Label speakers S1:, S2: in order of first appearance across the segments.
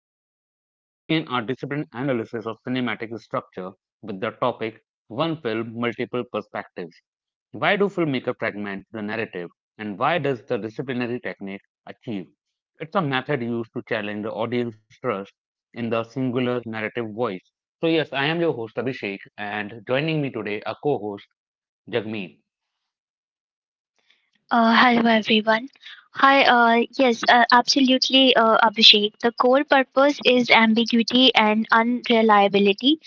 S1: Chamber. We begin our disciplined analysis of cinematic structure with the topic One Film, Multiple Perspectives. Why do filmmakers fragment the narrative, and why does the disciplinary technique achieve? It's a method used to challenge the audience trust in the singular narrative voice. So, yes, I am your host, Abhishek, and joining me today, a co host, Jagmeet.
S2: Hello everyone. Hi, yes, absolutely, Abhishek. The core purpose is ambiguity and unreliability.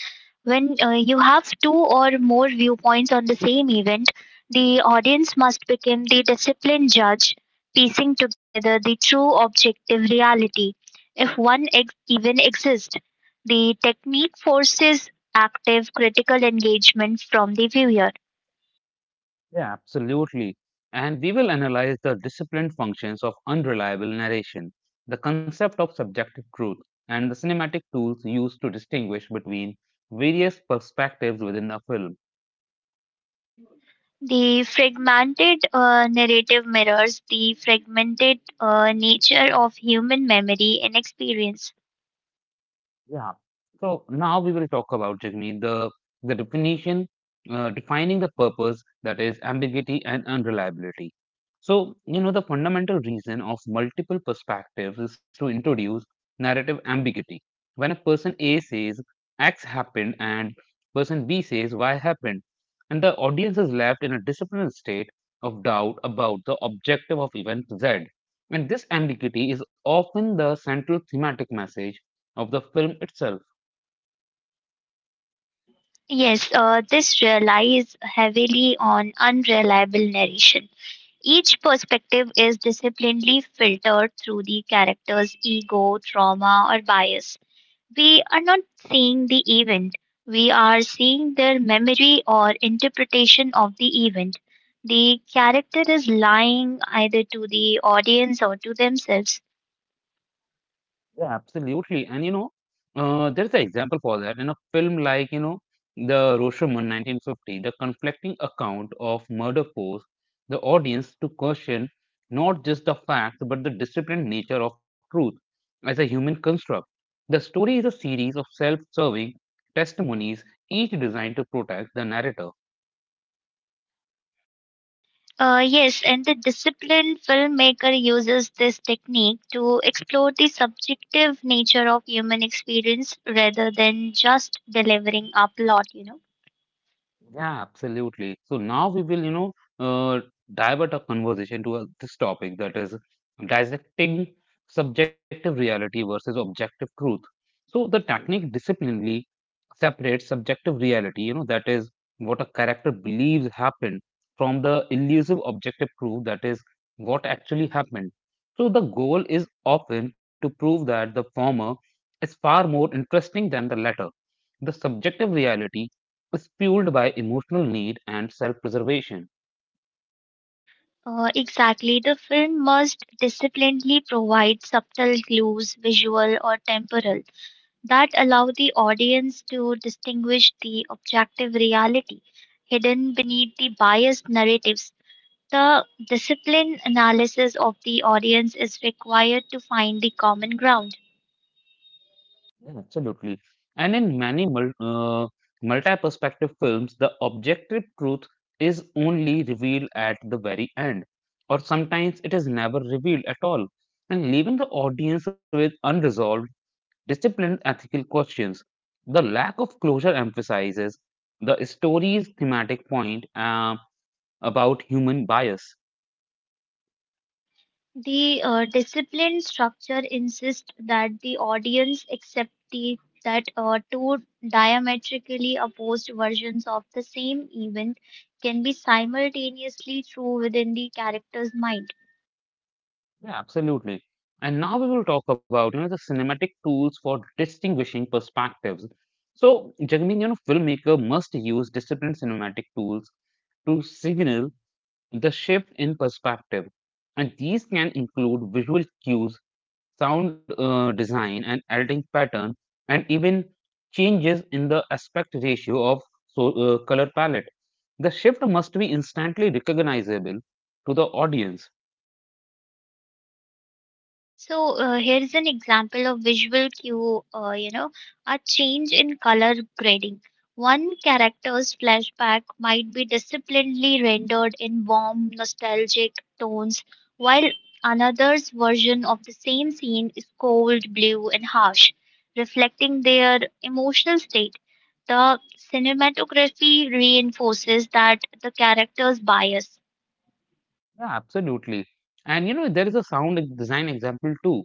S2: When you have two or more viewpoints on the same event, the audience must become the disciplined judge, piecing together the true objective reality, if one even exists. The technique forces active critical engagement from the viewer.
S1: Yeah, absolutely. And we will analyze the disciplined functions of unreliable narration, the concept of subjective truth, and the cinematic tools used to distinguish between various perspectives within a film.
S2: The fragmented narrative mirrors the fragmented nature of human memory and experience.
S1: Yeah. So now we will talk about Jagmeet, the definition, defining the purpose that is ambiguity and unreliability. So the fundamental reason of multiple perspectives is to introduce narrative ambiguity. When a person A says X happened and person B says Y happened, and the audience is left in a disciplined state of doubt about the objective of event Z. And this ambiguity is often the central thematic message of the film itself.
S2: Yes, this relies heavily on unreliable narration. Each perspective is disciplinedly filtered through the character's ego, trauma, or bias. We are not seeing the event, we are seeing their memory or interpretation of the event. The character is lying either to the audience or to themselves.
S1: Yeah, absolutely. And there's an example for that in a film like, the Rashomon 1950, the conflicting account of murder forced the audience to question not just the facts but the disciplined nature of truth as a human construct. The story is a series of self-serving testimonies, each designed to protect the narrator.
S2: Yes, and the disciplined filmmaker uses this technique to explore the subjective nature of human experience rather than just delivering a plot.
S1: Yeah, absolutely. So now we will, uh, divert our conversation to this topic that is dissecting subjective reality versus objective truth. So the technique disciplinely separate subjective reality, that is what a character believes happened from the elusive objective proof that is what actually happened. So the goal is often to prove that the former is far more interesting than the latter. The subjective reality is fueled by emotional need and self preservation.
S2: Exactly. The film must disciplinedly provide subtle clues, visual or temporal, that allow the audience to distinguish the objective reality hidden beneath the biased narratives. The disciplined analysis of the audience is required to find the common ground.
S1: Yeah, absolutely. And in many multi-perspective films, the objective truth is only revealed at the very end, or sometimes it is never revealed at all, and leaving the audience with unresolved, disciplined ethical questions. The lack of closure emphasizes the story's thematic point about human bias.
S2: The disciplined structure insists that the audience accept the that two diametrically opposed versions of the same event can be simultaneously true within the character's mind.
S1: Yeah, absolutely. And now we will talk about, the cinematic tools for distinguishing perspectives. So, Jagmeet, you know, filmmaker must use disciplined cinematic tools to signal the shift in perspective. And these can include visual cues, sound design, and editing pattern, and even changes in the aspect ratio of so, color palette. The shift must be instantly recognizable to the audience.
S2: So here's an example of visual cue, a change in color grading. One character's flashback might be disciplinedly rendered in warm, nostalgic tones, while another's version of the same scene is cold, blue, and harsh, reflecting their emotional state. The cinematography reinforces that the character's bias.
S1: Yeah, absolutely. And you know, there is a design example too,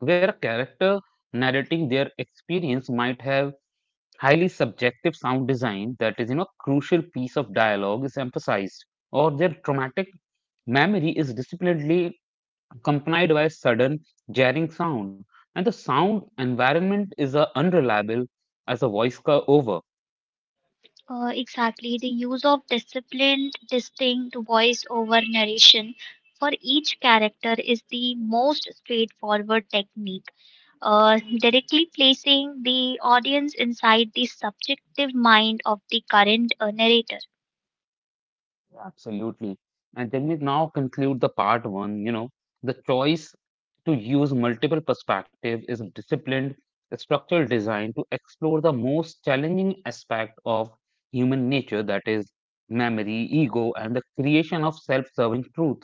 S1: where a character narrating their experience might have highly subjective sound design, that is, you know, crucial piece of dialogue is emphasized, or their traumatic memory is disciplinedly accompanied by sudden jarring sound, and the sound environment is unreliable as a over.
S2: Exactly, the use of disciplined, distinct voice over narration for each character is the most straightforward technique. Directly placing the audience inside the subjective mind of the current narrator.
S1: Absolutely. And then we now conclude the part one, you know, the choice to use multiple perspectives is disciplined structural design to explore the most challenging aspect of human nature, that is memory, ego, and the creation of self-serving truth.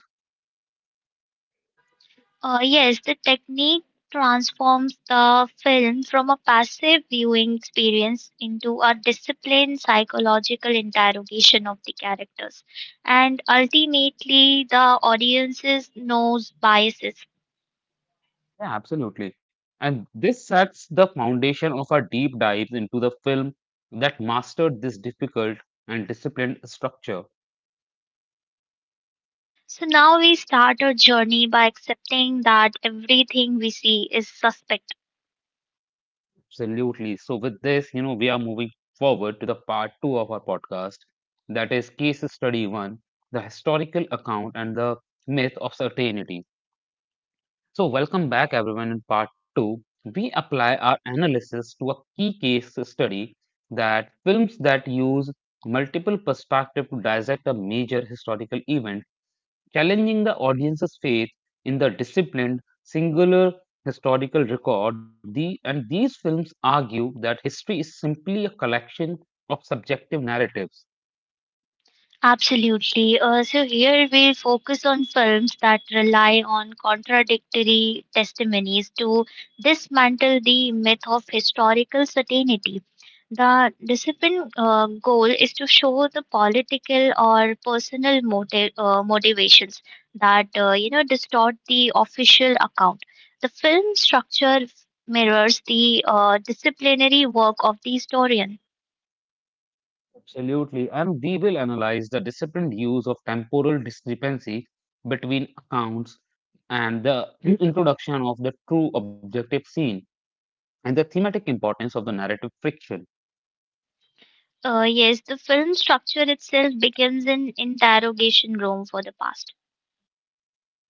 S2: Yes, the technique transforms the film from a passive viewing experience into a disciplined psychological interrogation of the characters. And ultimately, the audiences knows biases.
S1: Yeah, absolutely. And this sets the foundation of our deep dives into the film that mastered this difficult and disciplined structure.
S2: So now we start our journey by accepting that everything we see is suspect.
S1: Absolutely. So, with this, you know, we are moving forward to the part two of our podcast, that is Case Study One, the historical account and the myth of certainty. So, welcome back, everyone. In part two, we apply our analysis to a key case study that films that use multiple perspectives to dissect a major historical event challenging the audience's faith in the disciplined, singular historical record. The, and these films argue that history is simply a collection of subjective narratives.
S2: Absolutely. So here we'll focus on films that rely on contradictory testimonies to dismantle the myth of historical certainty. The discipline goal is to show the political or personal motivations that distort the official account. The film structure mirrors the disciplinary work of the historian.
S1: Absolutely. And we will analyze the disciplined use of temporal discrepancy between accounts and the introduction of the true objective scene and the thematic importance of the narrative friction.
S2: Yes, the film structure itself begins in interrogation room for the past.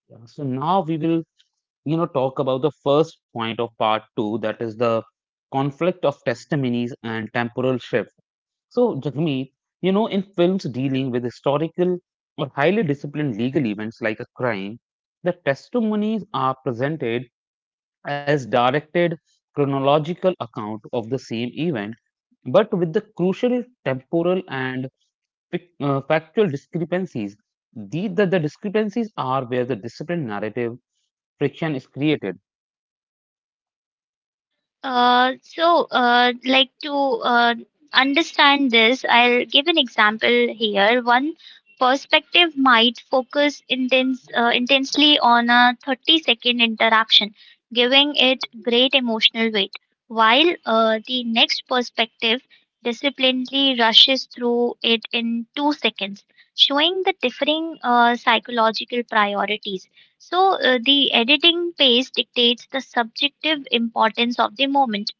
S1: Yeah. So now we will, you know, talk about the first point of part two, that is the conflict of testimonies and temporal shift. So, Jagmeet, you know, in films dealing with historical or highly disciplined legal events like a crime, the testimonies are presented as directed chronological account of the same event, but with the crucial temporal and factual discrepancies. The discrepancies are where the disciplined narrative friction is created.
S2: To understand this, I'll give an example here. One perspective might focus intensely on a 30-second interaction, giving it great emotional weight, while the next perspective disciplinedly rushes through it in 2 seconds, showing the differing psychological priorities. So, the editing pace dictates the subjective importance of the moment.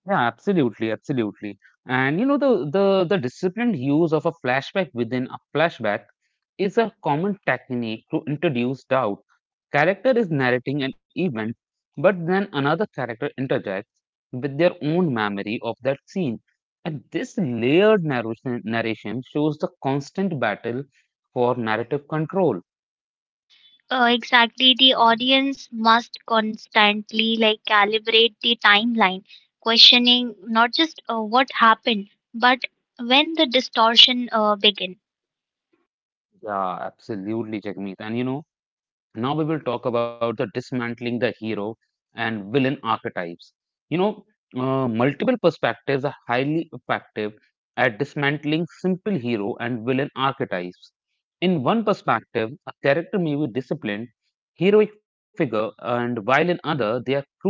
S1: Yeah, absolutely, absolutely. And you know the disciplined use of a flashback within a flashback is a common technique to introduce doubt. Character is narrating an event, but then another character interjects with their own memory of that scene. And this layered narration shows the constant battle for narrative control.
S2: Exactly, the audience must constantly like calibrate the timeline, questioning not just what happened, but when the distortion began.
S1: Yeah, absolutely, Jagmeet. And you know, now we will talk about the dismantling the hero and villain archetypes. You know, multiple perspectives are highly effective at dismantling simple hero and villain archetypes. In one perspective, a character may be disciplined, heroic figure, and while in other, they are cruel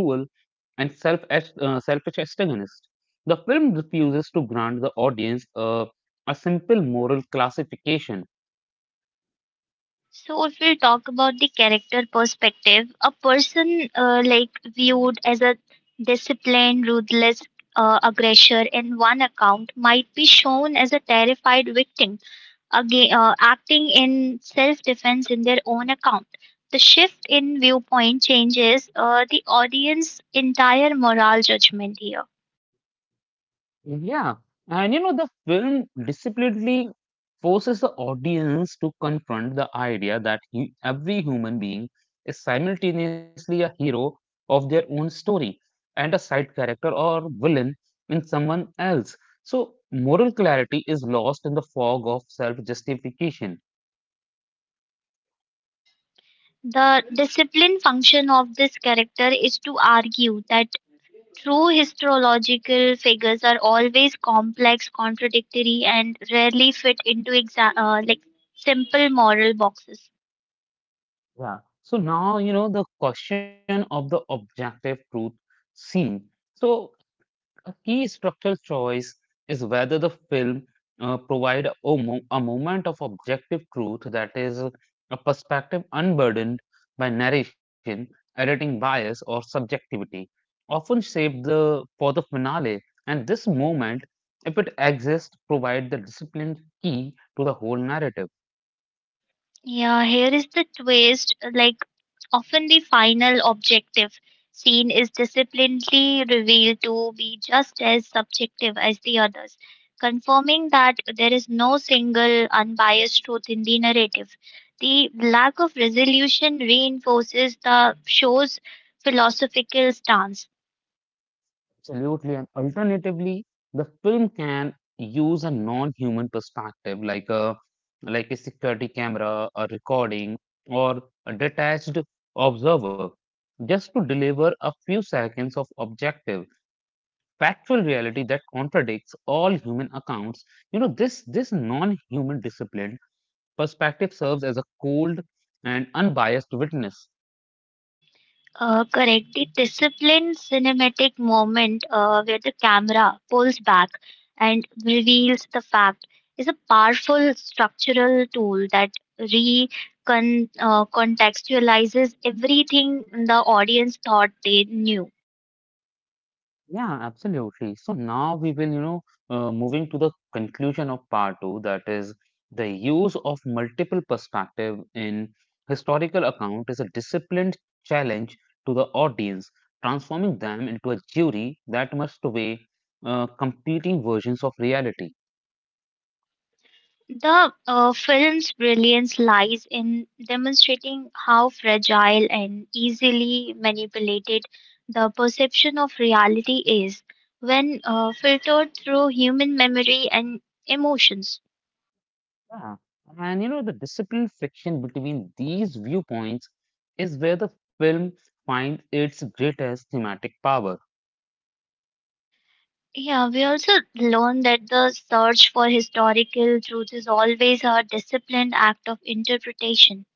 S1: and selfish antagonists. The film refuses to grant the audience a simple moral classification.
S2: So, if we talk about the character perspective, a person like viewed as a disciplined, ruthless aggressor in one account might be shown as a terrified victim. Again, acting in self defense in their own account. The shift in viewpoint changes the audience's entire moral judgment here.
S1: Yeah, and you know, the film disciplinedly forces the audience to confront the idea that he, every human being is simultaneously a hero of their own story and a side character or villain in someone else. So, moral clarity is lost in the fog of self justification.
S2: The discipline function of this character is to argue that true historiological figures are always complex, contradictory, and rarely fit into simple moral boxes.
S1: Yeah. So, now, you know, the question of the objective truth seen. So, a key structural choice is whether the film provide a, a moment of objective truth, that is a perspective unburdened by narration, editing bias, or subjectivity, often shaped the for the finale. And this moment, if it exists, provide the disciplined key to the whole narrative.
S2: Yeah, here is the twist. Like, often, the final objective seen is disciplinedly revealed to be just as subjective as the others, confirming that there is no single unbiased truth in the narrative. The lack of resolution reinforces the show's philosophical stance.
S1: Absolutely. And alternatively, the film can use a non-human perspective, like a security camera, a recording, or a detached observer, just to deliver a few seconds of objective, factual reality that contradicts all human accounts. You know, this non-human discipline perspective serves as a cold and unbiased witness.
S2: Correct. The disciplined cinematic moment where the camera pulls back and reveals the fact is a powerful structural tool that contextualizes everything the audience thought they knew.
S1: Yeah, absolutely. So now we will, moving to the conclusion of part two, that is the use of multiple perspective in historical account is a disciplined challenge to the audience, transforming them into a jury that must weigh competing versions of reality.
S2: The film's brilliance lies in demonstrating how fragile and easily manipulated the perception of reality is when filtered through human memory and emotions.
S1: Yeah. And you know, the disciplined friction between these viewpoints is where the film finds its greatest thematic power.
S2: Yeah, we also learn that the search for historical truth is always a disciplined act of interpretation.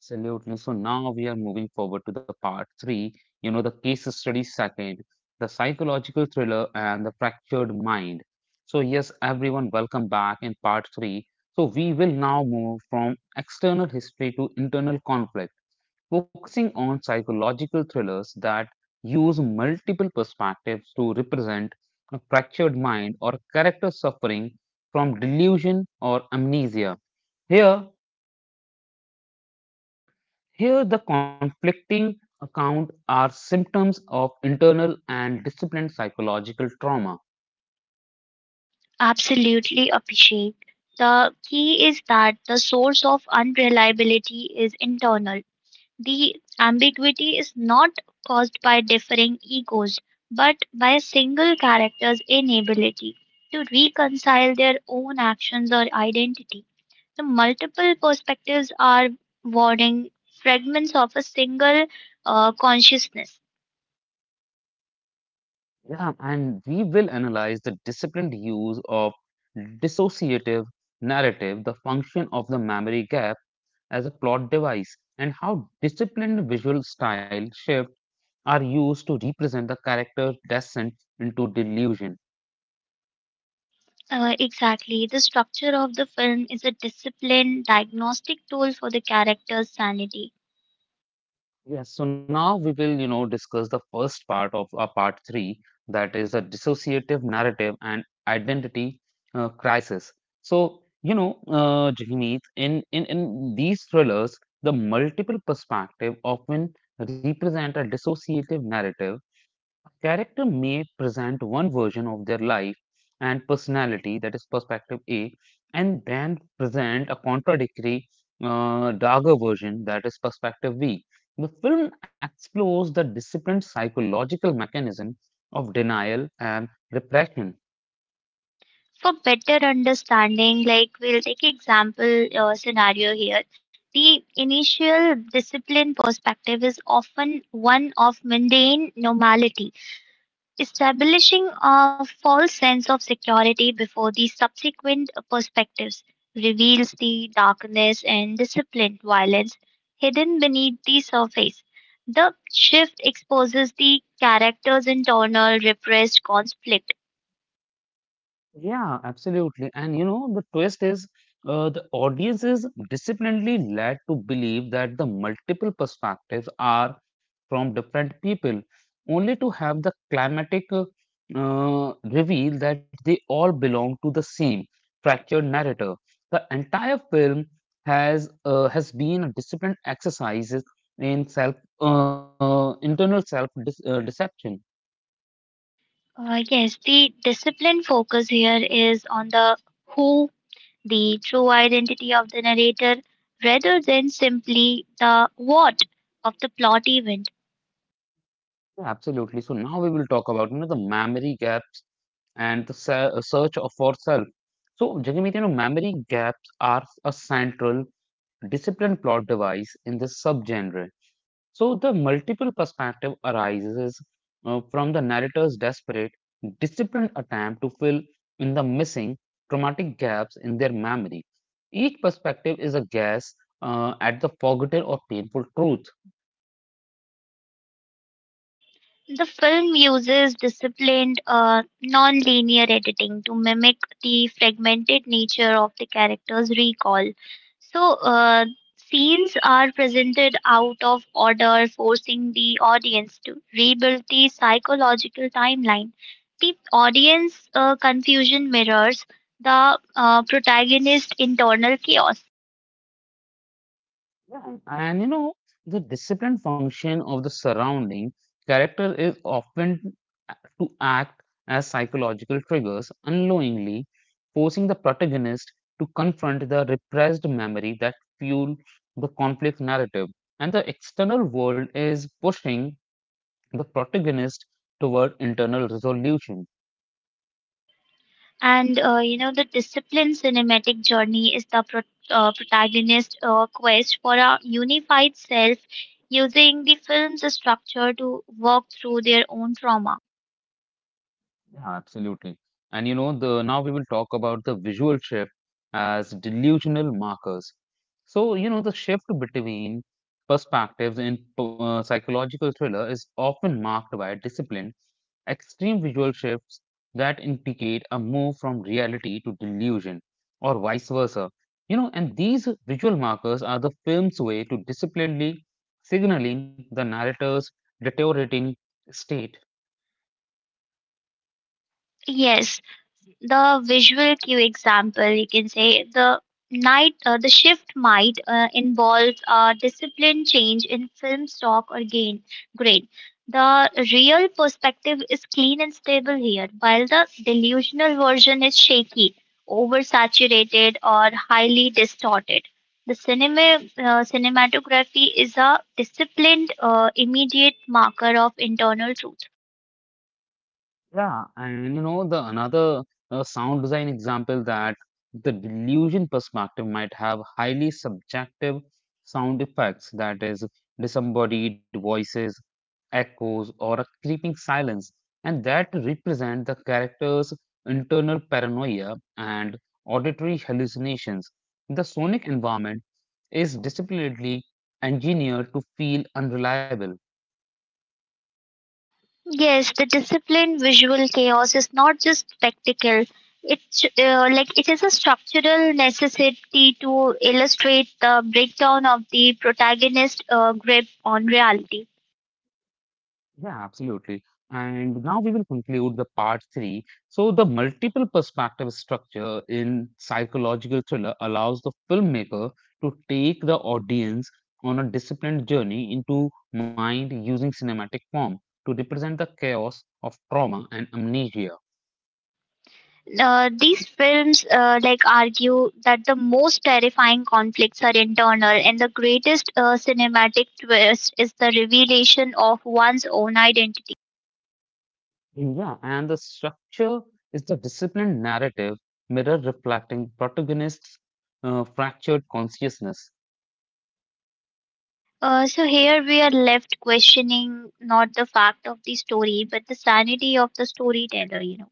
S1: Absolutely. So now we are moving forward to the part three, you know, the case study second, the psychological thriller and the fractured mind. So, yes, everyone, welcome back in part three. So, we will now move from external history to internal conflict, focusing on psychological thrillers that use multiple perspectives to represent a fractured mind or character suffering from delusion or amnesia. Here, here, the conflicting account are symptoms of internal and disciplined psychological trauma.
S2: Absolutely appreciate. The key is that the source of unreliability is internal. The ambiguity is not caused by differing egos, but by a single character's inability to reconcile their own actions or identity. The multiple perspectives are warning fragments of a single consciousness.
S1: Yeah, and we will analyze the disciplined use of dissociative narrative, the function of the memory gap as a plot device, and how disciplined visual style shifts are used to represent the character's descent into delusion.
S2: Exactly. The structure of the film is a disciplined diagnostic tool for the character's sanity.
S1: Yes, so now we will, you know, discuss the first part of our part three, that is the dissociative narrative and identity crisis. So, Jahmeet, in these thrillers, the multiple perspective often represent a dissociative narrative. A character may present one version of their life and personality, that is perspective A, and brand present a contradictory, darker version, that is perspective B. The film explores the disciplined psychological mechanism of denial and repression.
S2: For better understanding, like, we'll take example scenario here. The initial discipline perspective is often one of mundane normality, establishing a false sense of security before the subsequent perspectives reveals the darkness and disciplined violence hidden beneath the surface. The shift exposes the character's internal repressed conflict.
S1: Yeah, absolutely. And you know, the twist is the audience is disciplinedly led to believe that the multiple perspectives are from different people, only to have the climatic reveal that they all belong to the same fractured narrator. The entire film has uh, has been a disciplined exercise in self internal self dis deception.
S2: Yes, the discipline focus here is on the who, the true identity of the narrator, rather than simply the what of the plot event.
S1: Yeah, absolutely. So now we will talk about, you know, the memory gap and the search for self. So, Jagmeet, you memory gaps are a central discipline plot device in this subgenre. So, the multiple perspective arises from the narrator's desperate, disciplined attempt to fill in the missing traumatic gaps in their memory. Each perspective is a guess at the forgotten or painful truth.
S2: The film uses disciplined, non-linear editing to mimic the fragmented nature of the character's recall. So, scenes are presented out of order, forcing the audience to rebuild the psychological timeline. The audience confusion mirrors the protagonist's internal chaos.
S1: Yeah. And you know, the disciplined function of the surrounding character is often to act as psychological triggers, unknowingly forcing the protagonist to confront the repressed memory that fuel the conflict narrative. And the external world is pushing the protagonist toward internal resolution.
S2: And the disciplined cinematic journey is the protagonist's quest for a unified self using the film's structure to work through their own trauma.
S1: Yeah, absolutely. And you know, the now we will talk about the visual shift as delusional markers. So, you know, the shift between perspectives in psychological thriller is often marked by disciplined, extreme visual shifts that indicate a move from reality to delusion or vice versa. You know, and these visual markers are the film's way to disciplinedly signaling the narrator's deteriorating state.
S2: Yes, the visual cue example, you can say the shift might involve a discipline change in film stock or gain grade. The real perspective is clean and stable here, while the delusional version is shaky, oversaturated, or highly distorted. The cinematography is a disciplined, immediate marker of internal truth.
S1: Yeah, and you know the another sound design example that the delusion perspective might have highly subjective sound effects, that is, disembodied voices, echoes, or a creeping silence, and that represent the character's internal paranoia and auditory hallucinations. The sonic environment is disciplinedly engineered to feel unreliable.
S2: Yes, the disciplined visual chaos is not just spectacle. It is a structural necessity to illustrate the breakdown of the protagonist's grip on reality.
S1: Yeah, absolutely. And now we will conclude the part three. So, the multiple perspective structure in psychological thriller allows the filmmaker to take the audience on a disciplined journey into mind using cinematic form to represent the chaos of trauma and amnesia.
S2: These films argue that the most terrifying conflicts are internal, and the greatest cinematic twist is the revelation of one's own identity.
S1: Yeah, and the structure is the disciplined narrative mirror reflecting protagonist's fractured consciousness.
S2: So here we are left questioning not the fact of the story, but the sanity of the storyteller.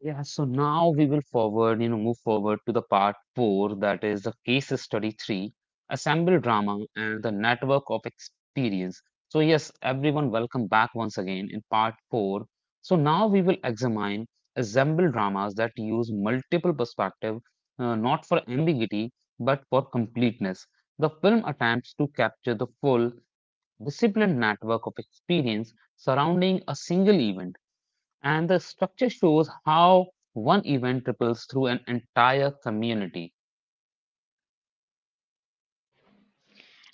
S1: Yeah, so now we will forward, you know, move forward to the part four, that is the case study three, assemble drama and the network of experience. So, yes, everyone, welcome back once again in part four. So, now we will examine assemble dramas that use multiple perspective, not for ambiguity, but for completeness. The film attempts to capture the full disciplined network of experience surrounding a single event, and the structure shows how one event ripples through an entire community.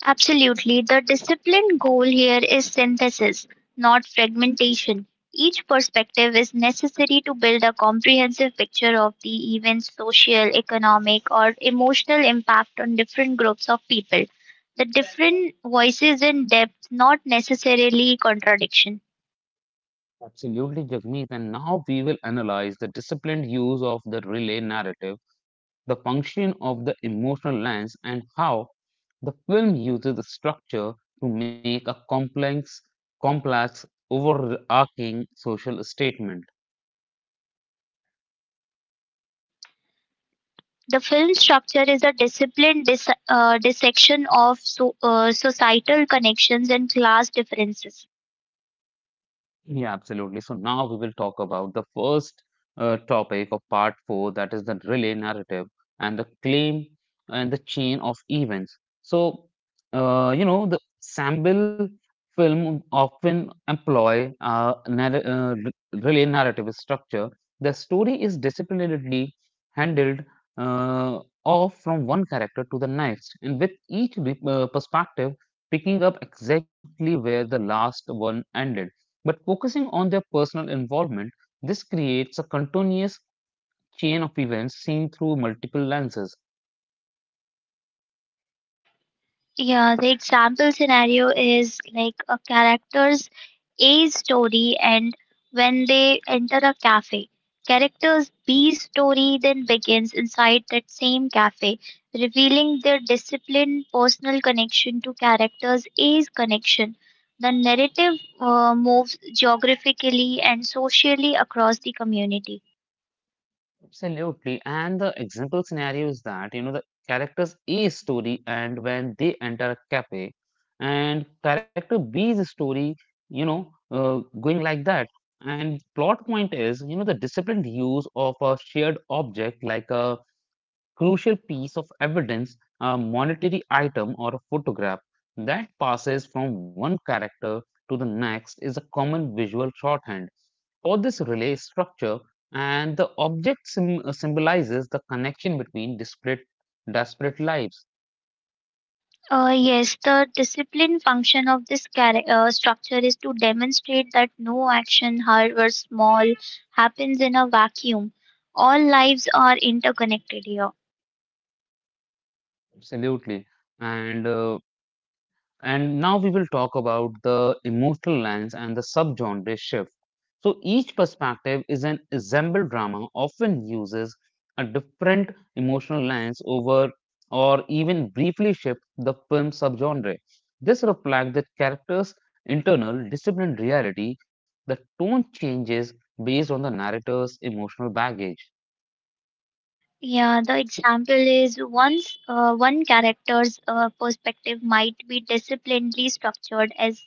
S2: Absolutely. The discipline goal here is synthesis, not fragmentation. Each perspective is necessary to build a comprehensive picture of the event's social, economic, or emotional impact on different groups of people. The different voices in depth, not necessarily contradiction.
S1: Absolutely, Jagmeet. And now we will analyze the disciplined use of the relay narrative, the function of the emotional lens, and how the film uses the structure to make a complex, complex, overarching social statement.
S2: The film structure is a disciplined dissection of societal connections and class differences.
S1: Yeah, absolutely. So now we will talk about the first topic of part four, that is the relay narrative and the claim and the chain of events. So, you know, the Sambil film often employ relay narrative structure. The story is disciplinarily handled, uh, off from one character to the next, and with each perspective picking up exactly where the last one ended, but focusing on their personal involvement. This creates a continuous chain of events seen through multiple lenses.
S2: Yeah, the example scenario is like a character's A story and when they enter a cafe. Character's B story then begins inside that same cafe, revealing their disciplined personal connection to character's A's connection. The narrative moves geographically and socially across the community.
S1: Absolutely. And the example scenario is that, you know, the character's A story and when they enter a cafe, and character B's story, you know, going like that. And plot point is, you know, the disciplined use of a shared object like a crucial piece of evidence, a monetary item, or a photograph that passes from one character to the next is a common visual shorthand for this relay structure, and the object symbolizes the connection between disparate, lives.
S2: Yes, the discipline function of this structure is to demonstrate that no action, however small, happens in a vacuum. All lives are interconnected here.
S1: Absolutely. And uh, And now we will talk about the emotional lens and the subgenre shift. So each perspective is an ensemble drama often uses a different emotional lens over or even briefly shift the film subgenre. This reflects the character's internal disciplined reality. The tone changes based on the narrator's emotional baggage.
S2: Yeah, the example is once one character's perspective might be disciplinedly structured as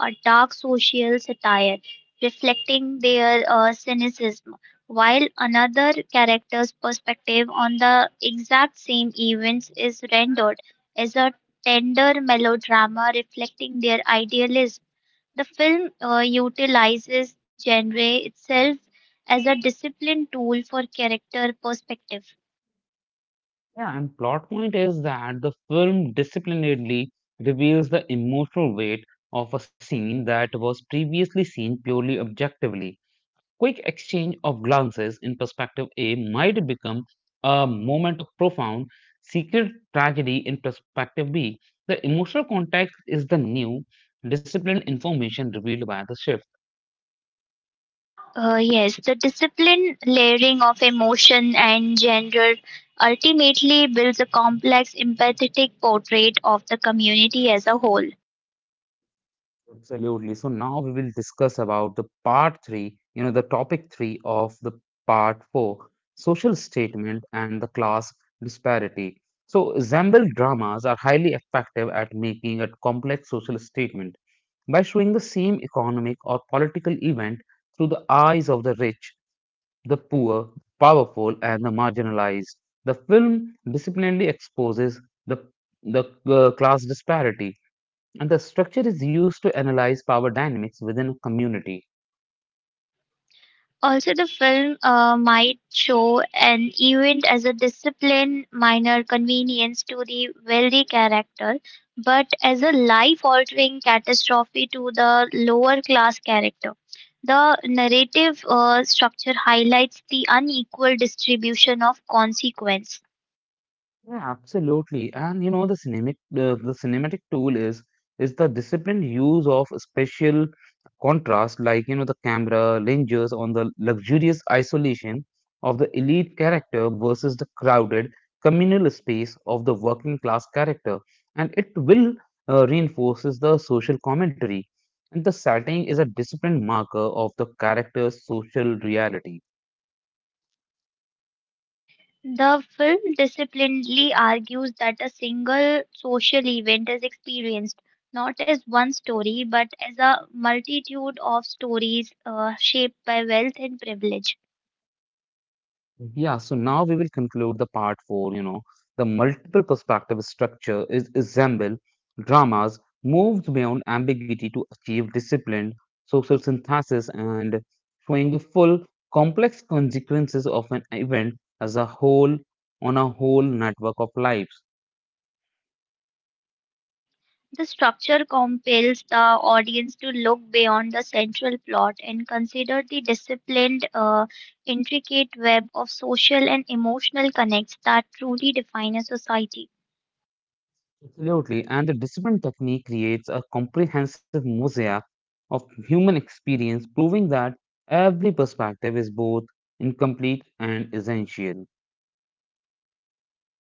S2: a dark social satire, reflecting their cynicism, while another character's perspective on the exact same events is rendered as a tender melodrama reflecting their idealism. The film utilizes genre itself as a disciplined tool for character perspective.
S1: Yeah, and plot point is that the film disciplinarily reveals the emotional weight of a scene that was previously seen purely objectively. Quick exchange of glances in perspective A might become a moment of profound secret tragedy in perspective B. The emotional context is the new disciplined information revealed by the shift.
S2: Yes, the discipline layering of emotion and gender ultimately builds a complex, empathetic portrait of the community as a whole.
S1: Absolutely. So now we will discuss about the part three, you know, the topic three of the part four, social statement and the class disparity. So Zambel dramas are highly effective at making a complex social statement by showing the same economic or political event through the eyes of the rich, the poor, powerful, and the marginalized. The film disciplinarily exposes the class disparity, and the structure is used to analyze power dynamics within a community.
S2: Also, the film might show an event as a discipline, minor convenience to the wealthy character, but as a life altering catastrophe to the lower class character. The narrative structure highlights the unequal distribution of consequence.
S1: Yeah, absolutely. And you know, the cinematic tool is the disciplined use of special contrast, like you know, the camera lenses on the luxurious isolation of the elite character versus the crowded communal space of the working class character, and it will reinforces the social commentary. And the setting is a disciplined marker of the character's social reality.
S2: The film disciplinedly argues that a single social event is experienced not as one story but as a multitude of stories shaped by wealth and privilege.
S1: Yeah, so now we will conclude the part four. You know, the multiple perspective structure is resemble dramas, moves beyond ambiguity to achieve disciplined social synthesis, and showing the full complex consequences of an event as a whole on a whole network of lives.
S2: The structure compels the audience to look beyond the central plot and consider the disciplined, intricate web of social and emotional connects that truly define a society.
S1: Absolutely. And the discipline technique creates a comprehensive mosaic of human experience, proving that every perspective is both incomplete and essential.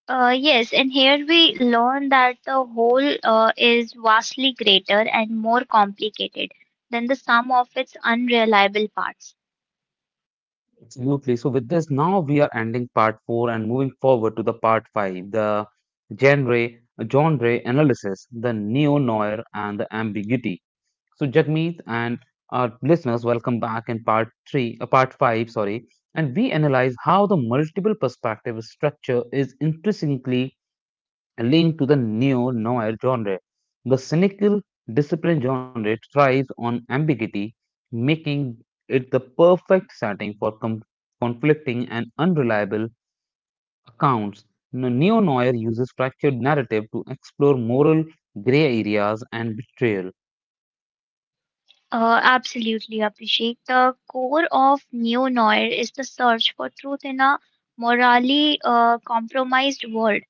S2: Yes, and here we learn that the whole is vastly greater and more complicated than the sum of its unreliable parts.
S1: Absolutely. So with this, now we are ending part four and moving forward to the part five, the genre, analysis, the neo-noir and the ambiguity. So Jagmeet and our listeners, welcome back in part five, sorry, and we analyze how the multiple perspective structure is intrinsically linked to the neo-noir genre. The cynical discipline genre thrives on ambiguity, making it the perfect setting for conflicting and unreliable accounts. The neo-noir uses structured narrative to explore moral gray areas and betrayal.
S2: Absolutely, Abhishek. The core of neo noir is the search for truth in a morally compromised world.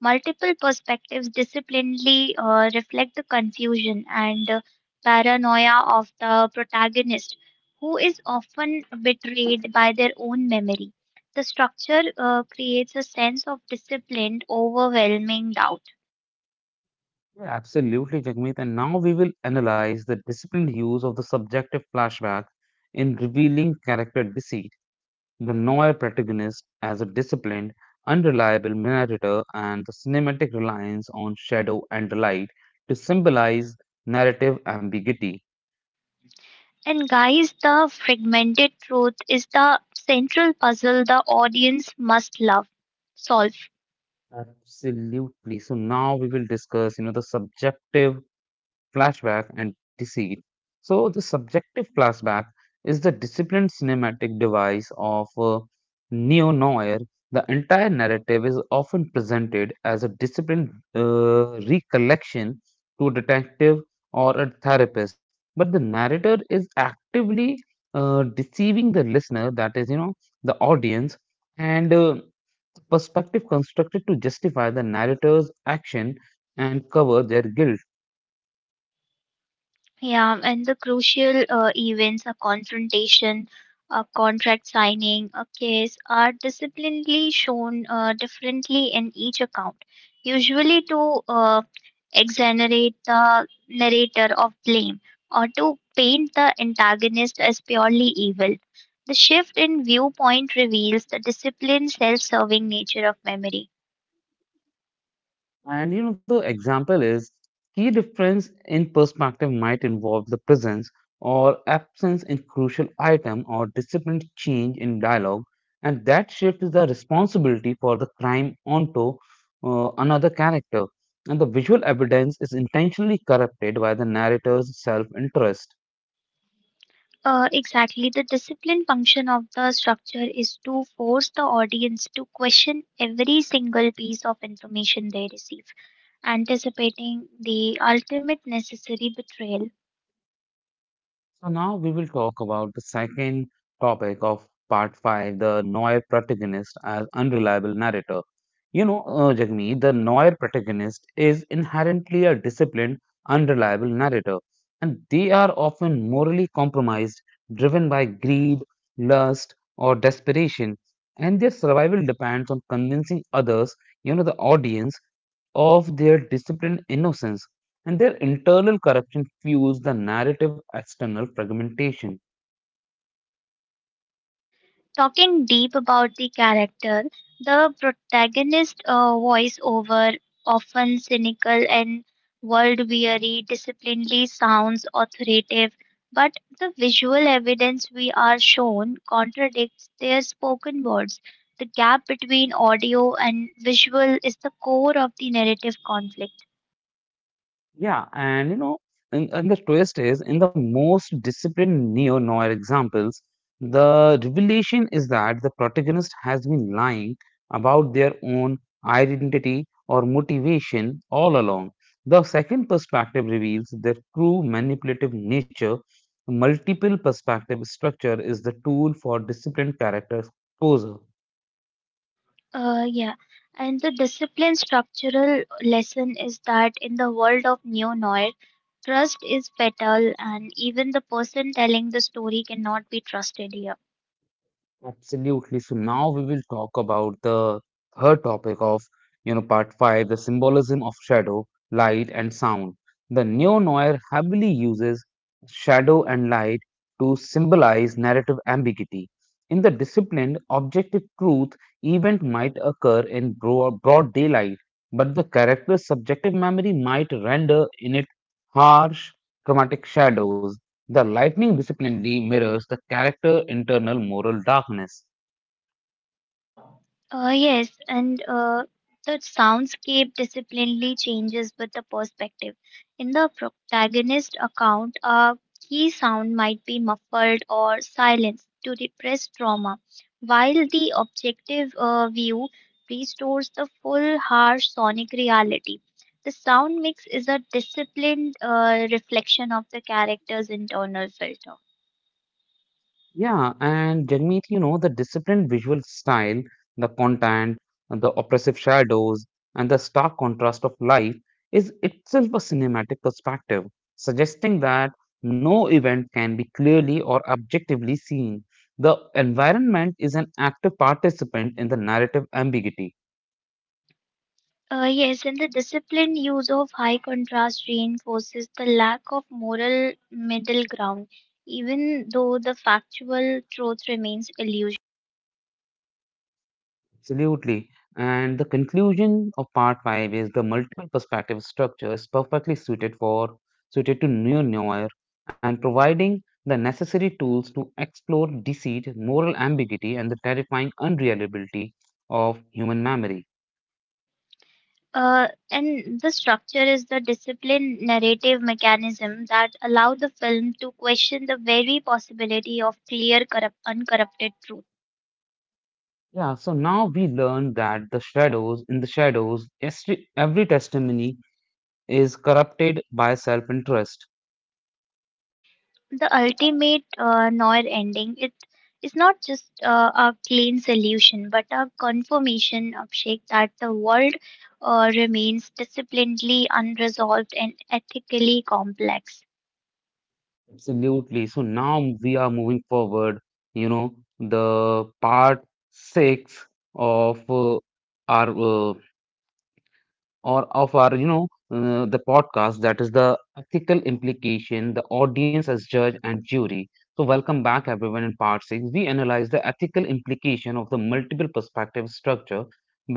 S2: Multiple perspectives disciplinedly reflect the confusion and paranoia of the protagonist, who is often betrayed by their own memory. The structure creates a sense of disciplined, overwhelming doubt.
S1: Yeah, absolutely, Jagmeet. And now we will analyze the disciplined use of the subjective flashback in revealing character disease, the noir protagonist as a disciplined, unreliable narrator, and the cinematic reliance on shadow and light to symbolize narrative ambiguity.
S2: And guys, the fragmented truth is the central puzzle the audience must love solve.
S1: Absolutely. So now we will discuss, you know, the subjective flashback, and deceit. So, the subjective flashback is the disciplined cinematic device of neo noir. The entire narrative is often presented as a disciplined recollection to a detective or a therapist, but the narrator is actively deceiving the listener, that is, you know, the audience, and perspective constructed to justify the narrator's action and cover their guilt.
S2: Yeah, and the crucial events, a confrontation, a contract signing, a case, are disciplinarily shown differently in each account, usually to exonerate the narrator of blame or to paint the antagonist as purely evil. The shift in viewpoint reveals the disciplined, self serving nature of memory.
S1: And you know, the example is key difference in perspective might involve the presence or absence in crucial item or disciplined change in dialogue, and that shift is the responsibility for the crime onto another character. And the visual evidence is intentionally corrupted by the narrator's self interest.
S2: Exactly. The discipline function of the structure is to force the audience to question every single piece of information they receive, anticipating the ultimate necessary betrayal.
S1: So now we will talk about the second topic of part five, the Noir protagonist as unreliable narrator. You know, Jagmeet, the Noir protagonist is inherently a disciplined, unreliable narrator, and they are often morally compromised, driven by greed, lust, or desperation, and their survival depends on convincing others, you know, the audience, of their disciplined innocence, and their internal corruption fuels the narrative external fragmentation.
S2: Talking deep about the character, the protagonist voiceover, often cynical and world weary, disciplinedly sounds authoritative, but the visual evidence we are shown contradicts their spoken words. The gap between audio and visual is the core of the narrative conflict.
S1: Yeah, and you know, and the twist is in the most disciplined neo noir examples, the revelation is that the protagonist has been lying about their own identity or motivation all along. The second perspective reveals their true manipulative nature. Multiple perspective structure is the tool for disciplined character exposure.
S2: Yeah, and the discipline structural lesson is that in the world of neo noir, trust is fatal, and even the person telling the story cannot be trusted here.
S1: Absolutely. So now we will talk about the third topic of, you know, part five, the symbolism of shadow, light, and sound. The neo-noir heavily uses shadow and light to symbolize narrative ambiguity. In the disciplined, objective truth event might occur in broad, daylight, but the character's subjective memory might render in it harsh, chromatic shadows. The lightning disciplinary mirrors the character internal moral darkness.
S2: Yes, and the soundscape disciplinely changes with the perspective. In the protagonist account, a key sound might be muffled or silenced to repress trauma, while the objective view restores the full harsh sonic reality. The sound mix is a disciplined reflection of the character's internal filter.
S1: Yeah, and Jagmeet, you know, the disciplined visual style, the content, and the oppressive shadows, and the stark contrast of life is itself a cinematic perspective, suggesting that no event can be clearly or objectively seen. The environment is an active participant in the narrative ambiguity.
S2: Yes, and the disciplined use of high contrast reinforces the lack of moral middle ground, even though the factual truth remains illusion.
S1: Absolutely. And the conclusion of part five is the multiple perspective structure is perfectly suited to new noir and providing the necessary tools to explore deceit, moral ambiguity, and the terrifying unreliability of human memory.
S2: And the structure is the disciplined narrative mechanism that allow the film to question the very possibility of clear, corrupt, uncorrupted truth.
S1: Yeah, so now we learn that the shadows in the shadows, every testimony is corrupted by self-interest.
S2: The ultimate noir ending it is not just a clean solution but a confirmation of shake that the world remains disciplinedly unresolved and ethically complex.
S1: Absolutely. So now we are moving forward, you know, the part six of our or of our, you know, the podcast, that is the ethical implication, the audience as judge and jury. So welcome back everyone in part 6. We analyze the ethical implication of the multiple perspective structure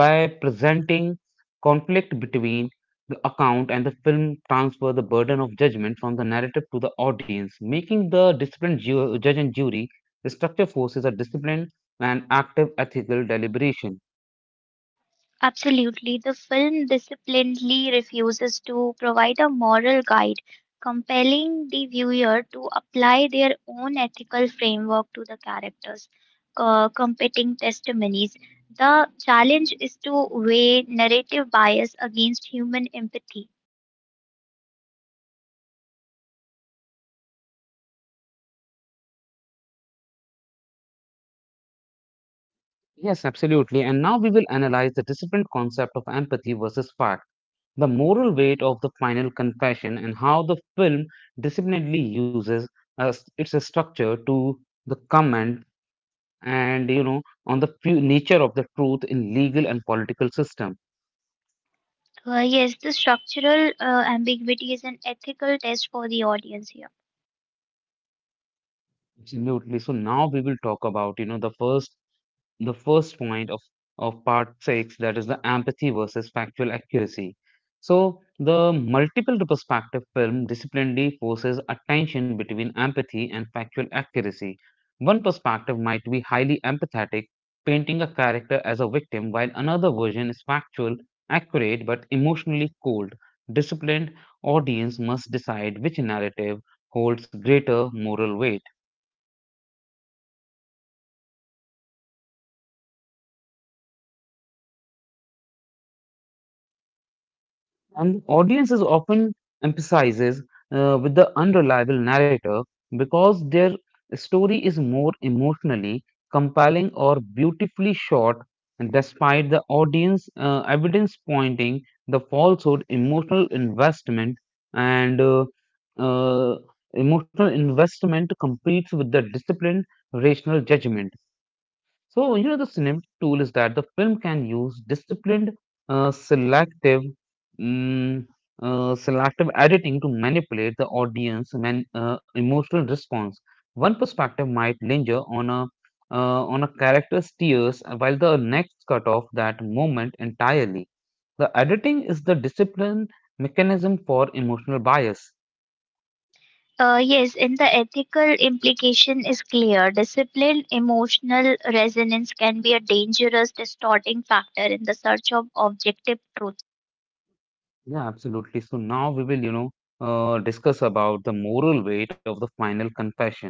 S1: by presenting conflict between the account, and the film transfer the burden of judgment from the narrative to the audience, making the disciplined judge and jury. The structure forces a disciplined and active ethical deliberation.
S2: Absolutely. The film disciplinedly refuses to provide a moral guide, compelling the viewer to apply their own ethical framework to the characters, competing testimonies. The challenge is to weigh narrative bias against human empathy.
S1: Yes, absolutely. And now we will analyze the different concept of empathy versus fact, the moral weight of the final confession, and how the film disciplinedly uses uh, its structure to the comment, and you know, on the nature of the truth in legal and political system.
S2: Yes, the structural ambiguity is an ethical test for the audience here.
S1: Absolutely. So now we will talk about, you know, the first point of, part six, that is the empathy versus factual accuracy. So, the multiple perspective film disciplinarily forces a tension between empathy and factual accuracy. One perspective might be highly empathetic, painting a character as a victim, while another version is factual, accurate, but emotionally cold. Disciplined audience must decide which narrative holds greater moral weight. And audiences often emphasizes with the unreliable narrator because their story is more emotionally compelling or beautifully short, despite the audience evidence pointing the falsehood, emotional investment and uh, emotional investment competes with the disciplined rational judgment. So, the cinema tool is that the film can use disciplined, uh, selective, mm, selective editing to manipulate the audience man, emotional response. One perspective might linger on a character's tears, while the next cut off that moment entirely. The editing is the discipline mechanism for emotional bias.
S2: Yes, and the ethical implication is clear. Disciplined emotional resonance can be a dangerous distorting factor in the search of objective truth.
S1: Yeah, absolutely. So now we will, discuss about the moral weight of the final confession.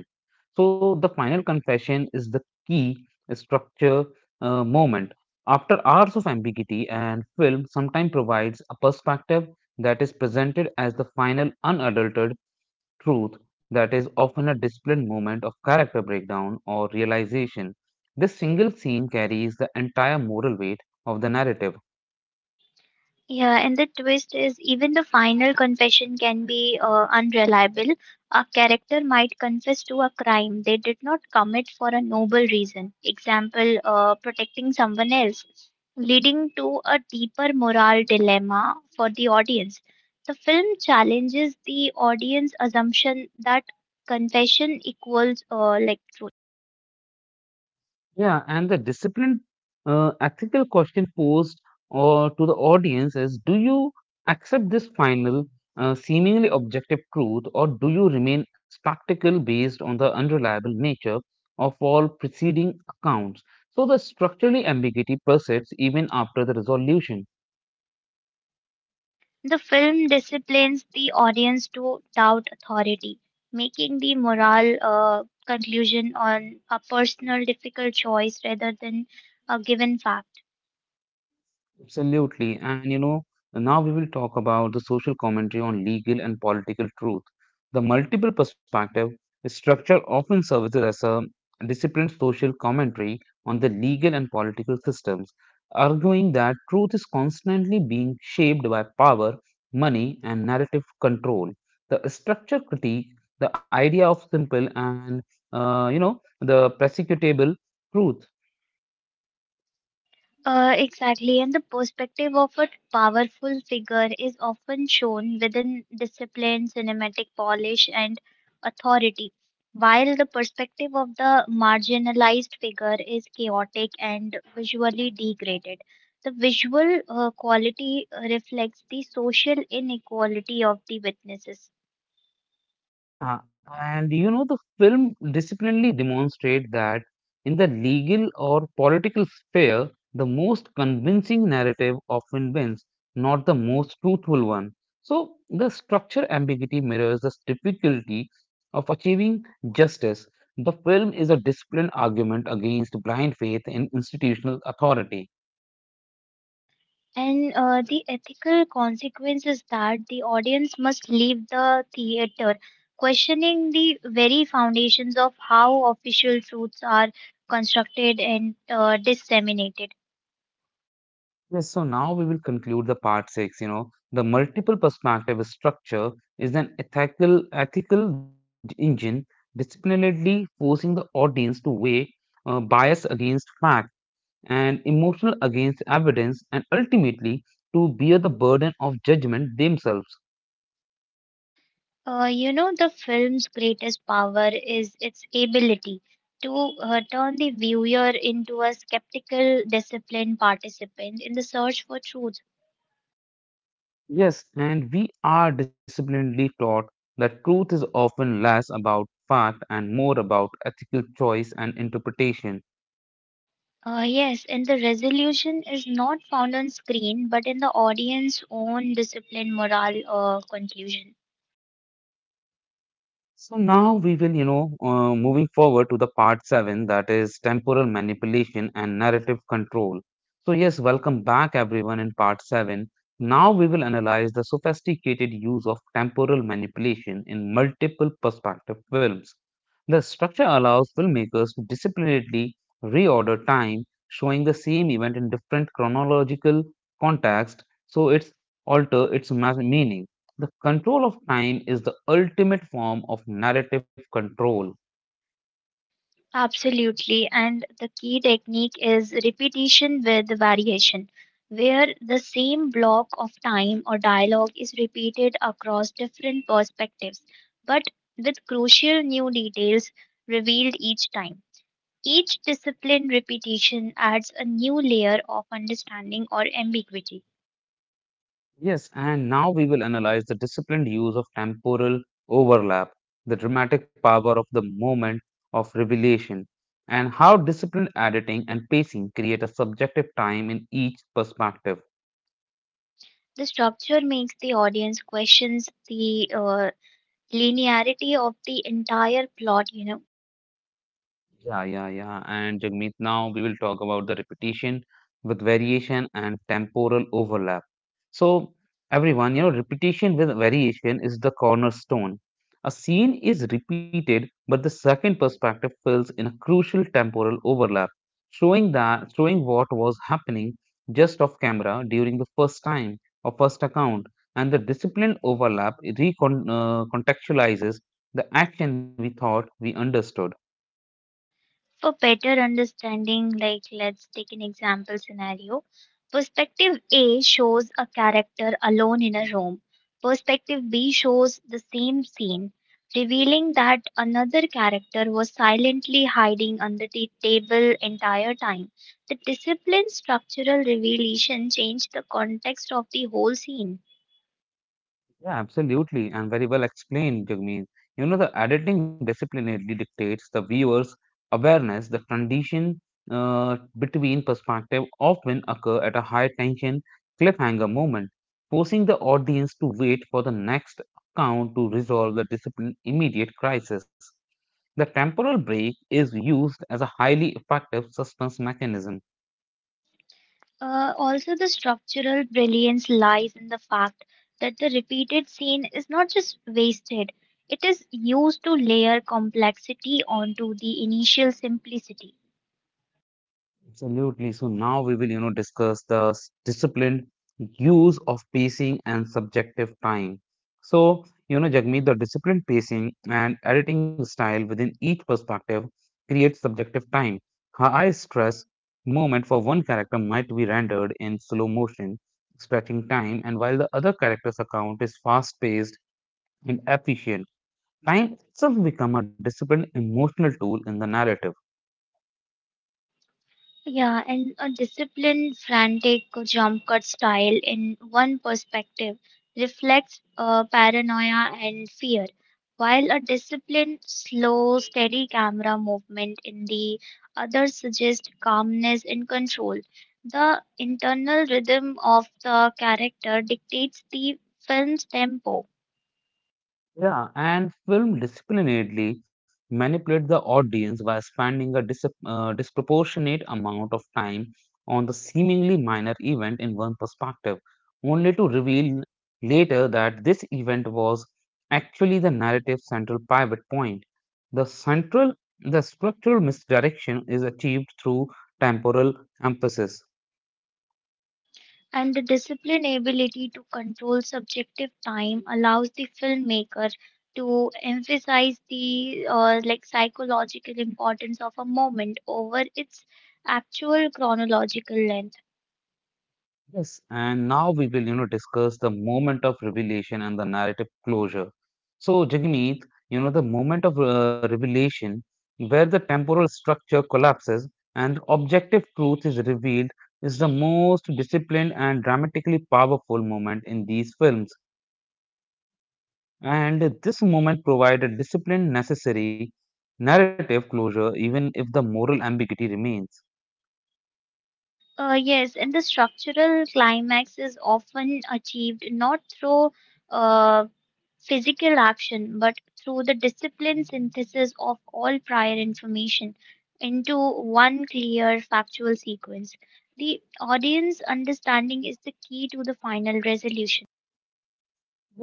S1: So the final confession is the key structure moment. After hours of ambiguity and film sometimes provides a perspective that is presented as the final unadulterated truth that is often a disciplined moment of character breakdown or realization. This single scene carries the entire moral weight of the narrative.
S2: Yeah, and the twist is even the final confession can be unreliable. A character might confess to a crime they did not commit for a noble reason, example, protecting someone else, leading to a deeper moral dilemma for the audience. The film challenges the audience assumption that confession equals like truth.
S1: Yeah, and the disciplined ethical question posed or to the audience is: Do you accept this final, seemingly objective truth, or do you remain skeptical based on the unreliable nature of all preceding accounts? So the structurally ambiguity persists even after the resolution.
S2: The film disciplines the audience to doubt authority, making the moral conclusion on a personal difficult choice rather than a given fact.
S1: Absolutely. And now we will talk about the social commentary on legal and political truth. The multiple perspective structure often serves as a disciplined social commentary on the legal and political systems, arguing that truth is constantly being shaped by power, money, and narrative control. The structure critique the idea of simple and the prosecutable truth.
S2: Exactly, and the perspective of a powerful figure is often shown within discipline, cinematic polish, and authority, while the perspective of the marginalized figure is chaotic and visually degraded. The visual quality reflects the social inequality of the witnesses.
S1: Yeah, and the film disciplinarily demonstrates that in the legal or political sphere, the most convincing narrative often wins, not the most truthful one. So, the structure ambiguity mirrors the difficulty of achieving justice. The film is a disciplined argument against blind faith in institutional authority.
S2: And the ethical consequence is that the audience must leave the theater questioning the very foundations of how official truths are constructed and disseminated.
S1: Yes, so now we will conclude the part six. The multiple perspective structure is an ethical engine disciplinarily forcing the audience to weigh bias against fact and emotional against evidence and ultimately to bear the burden of judgment themselves.
S2: You know, the film's greatest power is its ability to turn the viewer into a skeptical, disciplined participant in the search for truth.
S1: Yes, and we are disciplinarily taught that truth is often less about fact and more about ethical choice and interpretation.
S2: Yes, and the resolution is not found on screen, but in the audience's own discipline, morale, or conclusion.
S1: So now we will, moving forward to the part seven, that is temporal manipulation and narrative control. So yes, welcome back everyone in part seven. Now we will analyze the sophisticated use of temporal manipulation in multiple perspective films. The structure allows filmmakers to disciplinarily reorder time, showing the same event in different chronological context, so it's alter meaning. The control of time is the ultimate form of narrative control.
S2: Absolutely, and the key technique is repetition with variation, where the same block of time or dialogue is repeated across different perspectives, but with crucial new details revealed each time. Each discipline repetition adds a new layer of understanding or ambiguity.
S1: Yes, and now we will analyze the disciplined use of temporal overlap, the dramatic power of the moment of revelation, and how disciplined editing and pacing create a subjective time in each perspective.
S2: The structure makes the audience questions the linearity of the entire plot.
S1: Yeah, yeah, yeah. And Jagmeet, now we will talk about the repetition with variation and temporal overlap. So, everyone, repetition with variation is the cornerstone. A scene is repeated, but the second perspective fills in a crucial temporal overlap, showing what was happening just off camera during the first time or first account. And the disciplined overlap recontextualizes contextualizes the action we thought we understood.
S2: For better understanding, like let's take an example scenario. Perspective A shows a character alone in a room. Perspective B shows the same scene, revealing that another character was silently hiding under the table entire time. The discipline structural revelation changed the context of the whole scene.
S1: Yeah, absolutely, and very well explained, Jagmeet. The editing disciplinarily dictates the viewer's awareness. The transition between perspective often occur at a high tension cliffhanger moment, forcing the audience to wait for the next count to resolve the discipline immediate crisis. The temporal break is used as a highly effective suspense mechanism.
S2: Also, the structural brilliance lies in the fact that the repeated scene is not just wasted, it is used to layer complexity onto the initial simplicity.
S1: Absolutely. So now we will, discuss the disciplined use of pacing and subjective time. So, Jagmeet, the disciplined pacing and editing style within each perspective creates subjective time. Her eye stress moment for one character might be rendered in slow motion, stretching time, and while the other character's account is fast paced and efficient, time itself becomes a disciplined emotional tool in the narrative.
S2: Yeah, and a disciplined, frantic jump cut style in one perspective reflects paranoia and fear, while a disciplined, slow, steady camera movement in the other suggests calmness and control. The internal rhythm of the character dictates the film's tempo.
S1: Yeah, and film disciplinately manipulate the audience by spending a disproportionate amount of time on the seemingly minor event in one perspective, only to reveal later that this event was actually the narrative's central pivot point. The central, the structural misdirection is achieved through temporal emphasis.
S2: And the disciplined ability to control subjective time allows the filmmaker to emphasize the like psychological importance of a moment over its actual chronological length.
S1: Yes. And now we will, discuss the moment of revelation and the narrative closure. So, Jagmeet, the moment of revelation, where the temporal structure collapses and objective truth is revealed, is the most disciplined and dramatically powerful moment in these films. And this moment provides a discipline necessary narrative closure, even if the moral ambiguity remains.
S2: Yes, and the structural climax is often achieved not through uh, physical action, but through the disciplined synthesis of all prior information into one clear factual sequence. The audience understanding is the key to the final resolution.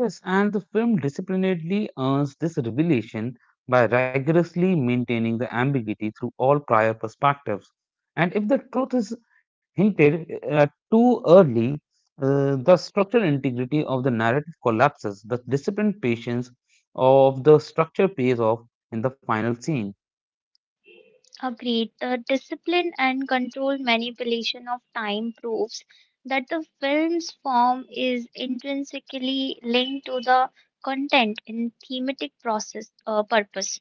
S1: Yes, and the film disciplinedly earns this revelation by rigorously maintaining the ambiguity through all prior perspectives. And if the truth is hinted at too early, the structural integrity of the narrative collapses. The disciplined patience of the structure pays off in the final scene.
S2: Agreed, the discipline and controlled manipulation of time proves that the film's form is intrinsically linked to the content and thematic process purpose.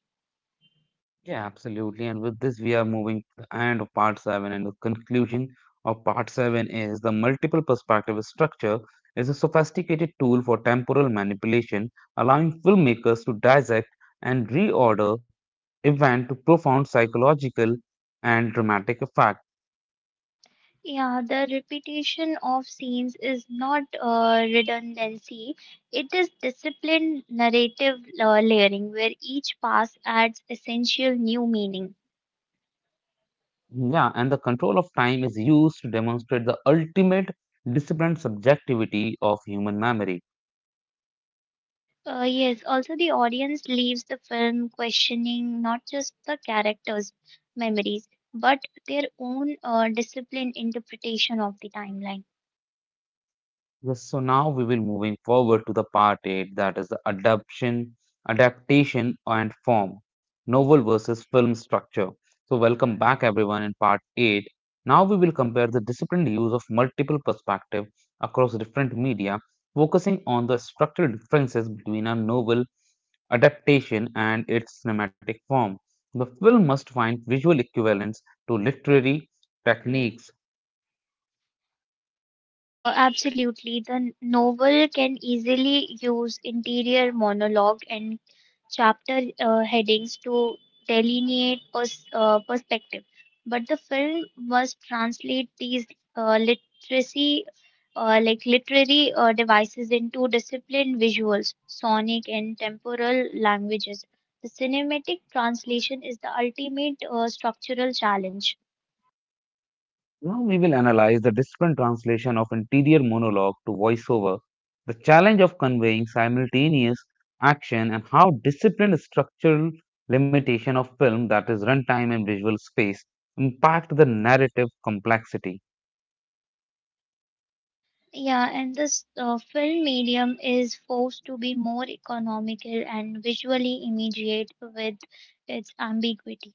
S1: Yeah, absolutely. And with this, we are moving to the end of part seven. And the conclusion of part seven is the multiple perspective structure is a sophisticated tool for temporal manipulation, allowing filmmakers to dissect and reorder event to profound psychological and dramatic effect.
S2: Yeah, the repetition of scenes is not redundancy. It is disciplined narrative layering where each pass adds essential new meaning.
S1: Yeah, and the control of time is used to demonstrate the ultimate disciplined subjectivity of human memory.
S2: Yes, also the audience leaves the film questioning not just the characters' memories, but their own disciplined interpretation of the timeline.
S1: Yes, so now we will moving forward to the part 8, that is the adaptation and form, novel versus film structure. So welcome back everyone in part 8. Now we will compare the disciplined use of multiple perspective across different media, focusing on the structural differences between a novel adaptation and its cinematic form. The film must find visual equivalents to literary techniques.
S2: Absolutely. The novel can easily use interior monologue and chapter headings to perspective, but the film must translate these literacy, like literary devices into disciplined visuals, sonic and temporal languages. The cinematic translation is the ultimate structural challenge.
S1: Now we will analyze the different translation of interior monologue to voiceover, the challenge of conveying simultaneous action, and how disciplined structural limitation of film, that is runtime and visual space, impact the narrative complexity.
S2: Yeah, and this film medium is forced to be more economical and visually immediate with its ambiguity.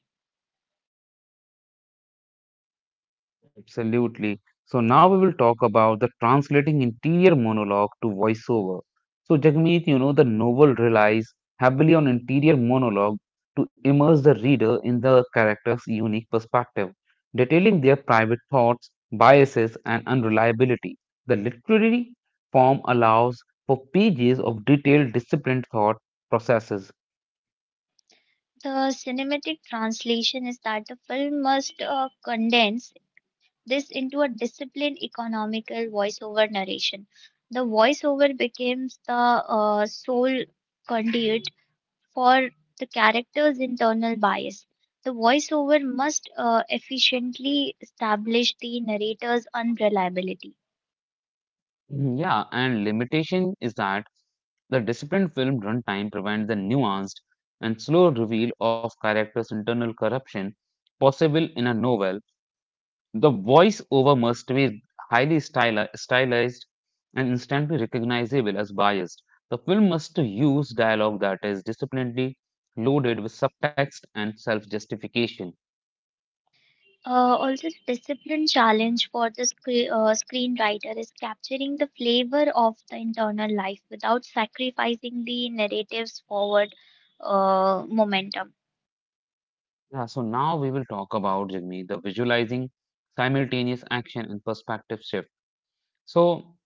S1: Absolutely. So now we will talk about the translating interior monologue to voiceover. So Jagmeet, the novel relies heavily on interior monologue to immerse the reader in the character's unique perspective, detailing their private thoughts, biases, and unreliability. The literary form allows for pages of detailed, disciplined thought processes.
S2: The cinematic translation is that the film must condense this into a disciplined, economical voiceover narration. The voiceover becomes the sole conduit for the character's internal bias. The voiceover must efficiently establish the narrator's unreliability.
S1: Yeah, and limitation is that the disciplined film runtime provides the nuanced and slow reveal of characters' internal corruption possible in a novel. The voice-over must be stylized and instantly recognizable as biased. The film must use dialogue that is disciplinedly loaded with subtext and self-justification.
S2: Also, the discipline challenge for the screenwriter is capturing the flavor of the internal life without sacrificing the narrative's forward momentum.
S1: Yeah, so now we will talk about Jagmeet, the visualizing simultaneous action and perspective shift. So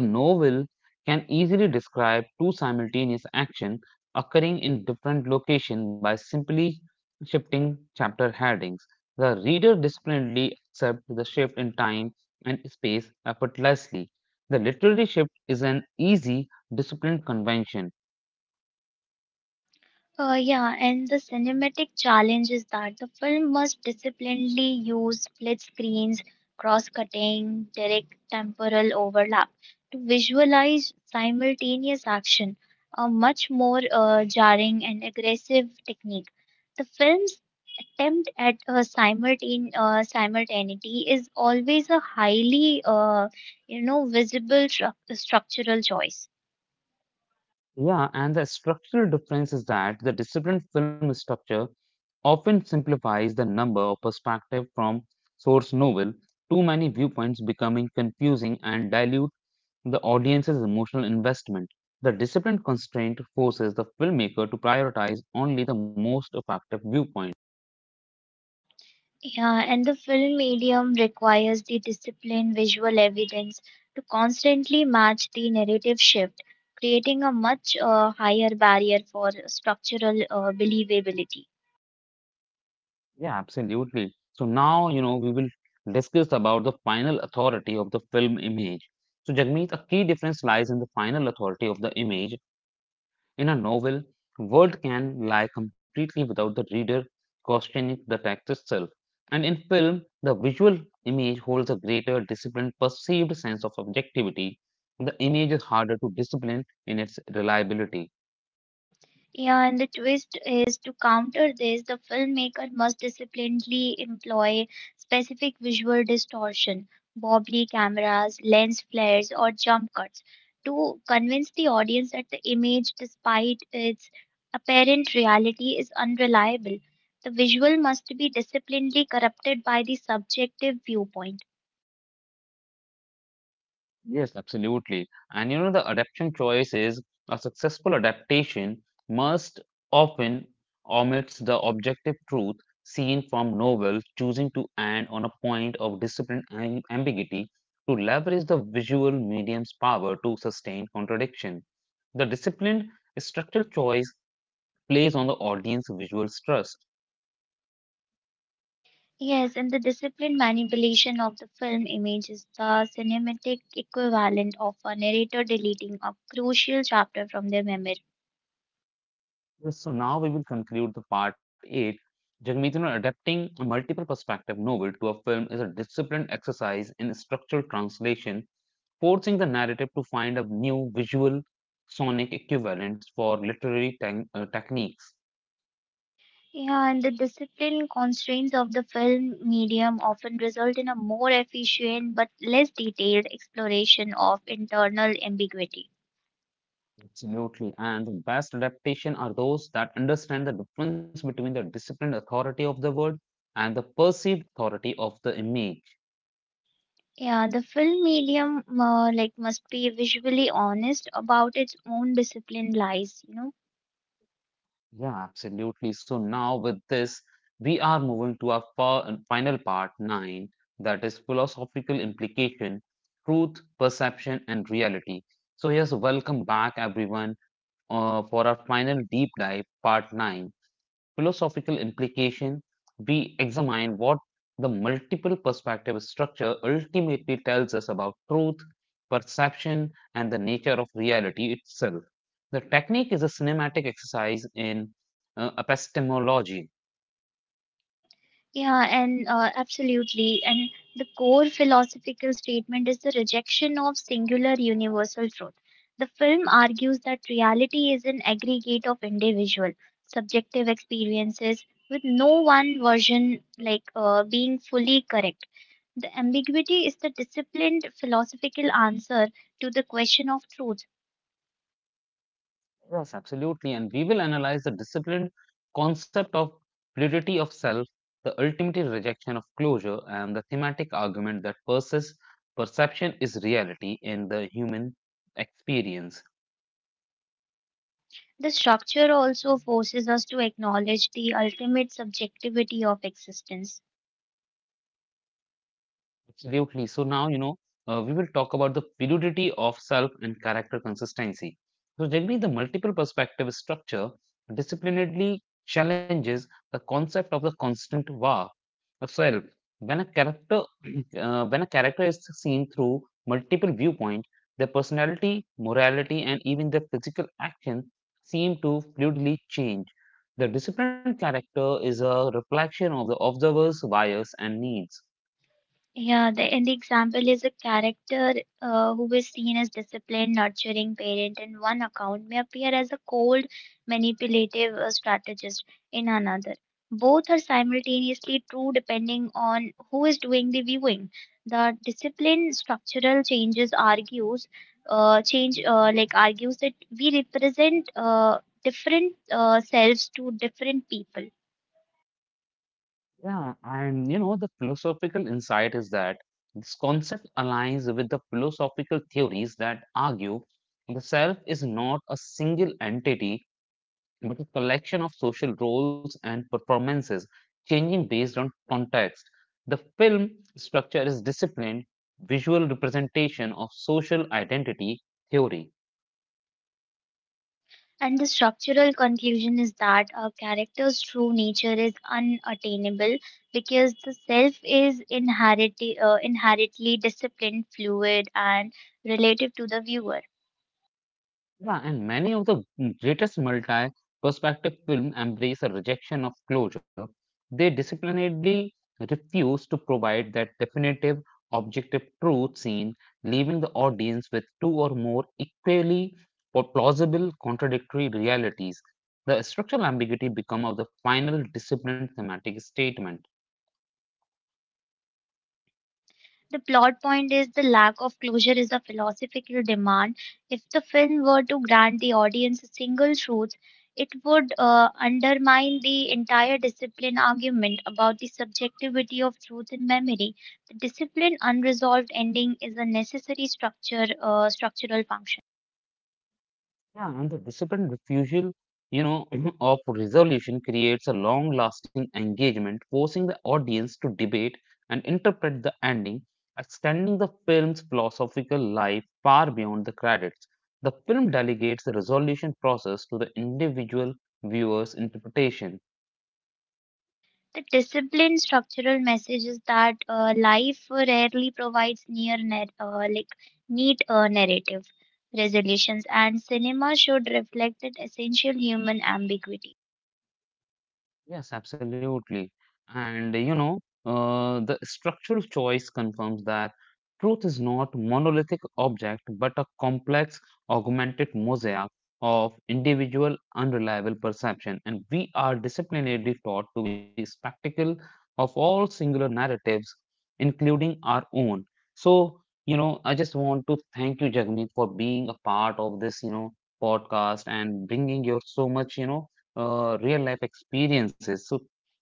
S1: the novel can easily describe two simultaneous actions occurring in different locations by simply shifting chapter headings. The reader disciplinedly accepts the shift in time and space effortlessly. The literary shift is an easy, disciplined convention.
S2: Yeah, and the cinematic challenge is that the film must disciplinedly use split screens, cross cutting, direct temporal overlap to visualize simultaneous action, a much more jarring and aggressive technique. The film's attempt at simultaneity is always a highly, visible structural choice.
S1: Yeah, and the structural difference is that the disciplined film structure often simplifies the number of perspectives from source novel, too many viewpoints becoming confusing and dilute the audience's emotional investment. The disciplined constraint forces the filmmaker to prioritize only the most effective viewpoint.
S2: Yeah, and the film medium requires the disciplined visual evidence to constantly match the narrative shift, creating a much higher barrier for structural believability.
S1: Yeah, absolutely. So now, we will discuss about the final authority of the film image. So Jagmeet, a key difference lies in the final authority of the image. In a novel, world can lie completely without the reader questioning the text itself. And in film, the visual image holds a greater disciplined perceived sense of objectivity. The image is harder to discipline in its reliability.
S2: Yeah, and the twist is to counter this, the filmmaker must disciplinedly employ specific visual distortion, wobbly cameras, lens flares, or jump cuts to convince the audience that the image, despite its apparent reality, is unreliable. The visual must be disciplinedly corrupted by the subjective viewpoint.
S1: Yes, absolutely. And the adaptation choice is a successful adaptation must often omits the objective truth seen from novels, choosing to end on a point of ambiguity to leverage the visual medium's power to sustain contradiction. The disciplined structural choice plays on the audience visual trust.
S2: Yes, and the disciplined manipulation of the film image is the cinematic equivalent of a narrator deleting a crucial chapter from their memory.
S1: Yes, so now we will conclude the part 8. Jagmeet, adapting a multiple perspective novel to a film is a disciplined exercise in structural translation, forcing the narrative to find a new visual sonic equivalent for techniques.
S2: Yeah, and the disciplined constraints of the film medium often result in a more efficient but less detailed exploration of internal ambiguity.
S1: Absolutely. And the best adaptation are those that understand the difference between the disciplined authority of the word and the perceived authority of the image.
S2: Yeah, the film medium like must be visually honest about its own disciplined lies.
S1: Yeah, absolutely. So now with this, we are moving to our final part nine, that is philosophical implication, truth, perception, and reality. So yes, welcome back everyone for our final deep dive part nine, philosophical implication we examine what the multiple perspective structure ultimately tells us about truth, perception, and the nature of reality itself. The technique is a cinematic exercise in epistemology.
S2: Yeah, and absolutely. And the core philosophical statement is the rejection of singular universal truth. The film argues that reality is an aggregate of individual, subjective experiences, with no one version being fully correct. The ambiguity is the disciplined philosophical answer to the question of truth.
S1: Yes, absolutely. And we will analyze the disciplined concept of fluidity of self, the ultimate rejection of closure, and the thematic argument that persists perception is reality in the human experience.
S2: The structure also forces us to acknowledge the ultimate subjectivity of existence.
S1: Absolutely. So now, we will talk about the fluidity of self and character consistency. So, Jagni, the multiple perspective structure disciplinarily challenges the concept of the constant var of self. When a character, When a character is seen through multiple viewpoints, their personality, morality, and even their physical action seem to fluidly change. The disciplined character is a reflection of the observer's bias and needs.
S2: And the example is a character who is seen as disciplined, nurturing parent in one account may appear as a cold, manipulative strategist in another. Both are simultaneously true depending on who is doing the viewing. The discipline structural changes argues, change like argues that we represent different selves to different people.
S1: Yeah, and the philosophical insight is that this concept aligns with the philosophical theories that argue the self is not a single entity, but a collection of social roles and performances changing based on context. The film structure is disciplined visual representation of social identity theory.
S2: And the structural conclusion is that a character's true nature is unattainable because the self is inherently, disciplined, fluid, and relative to the viewer.
S1: Yeah, and many of the greatest multi-perspective films embrace a rejection of closure. They disciplinedly refuse to provide that definitive, objective truth scene, leaving the audience with two or more equally plausible contradictory realities. The structural ambiguity becomes the final disciplined thematic statement.
S2: The plot point is the lack of closure is a philosophical demand. If the film were to grant the audience a single truth, it would undermine the entire discipline argument about the subjectivity of truth and memory. The discipline unresolved ending is a necessary structural function.
S1: Yeah, and the disciplined refusal, you know, of resolution creates a long-lasting engagement, forcing the audience to debate and interpret the ending, extending the film's philosophical life far beyond the credits. The film delegates the resolution process to the individual viewer's interpretation.
S2: The discipline structural message is that life rarely provides near nar- like neat narrative resolutions, and cinema should reflect that essential human ambiguity.
S1: Yes, absolutely. And the structural choice confirms that truth is not monolithic object, but a complex, augmented mosaic of individual, unreliable perception. And we are disciplinarily taught to be spectacle of all singular narratives, including our own. So, I just want to thank you, Jagmeet, for being a part of this, podcast and bringing your so much, real life experiences. So,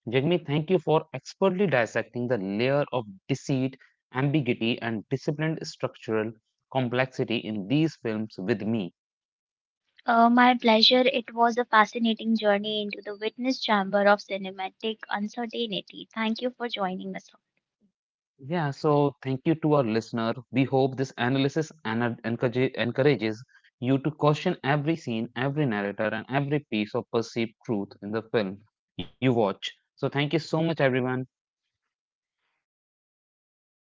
S1: Jagmeet, thank you for expertly dissecting the layer of deceit, ambiguity, and disciplined structural complexity in these films with me.
S2: My pleasure. It was a fascinating journey into the witness chamber of cinematic uncertainty. Thank you for joining us.
S1: Yeah, so thank you to our listener. We hope this analysis encourages you to question every scene, every narrator, and every piece of perceived truth in the film you watch. So, thank you so much, everyone.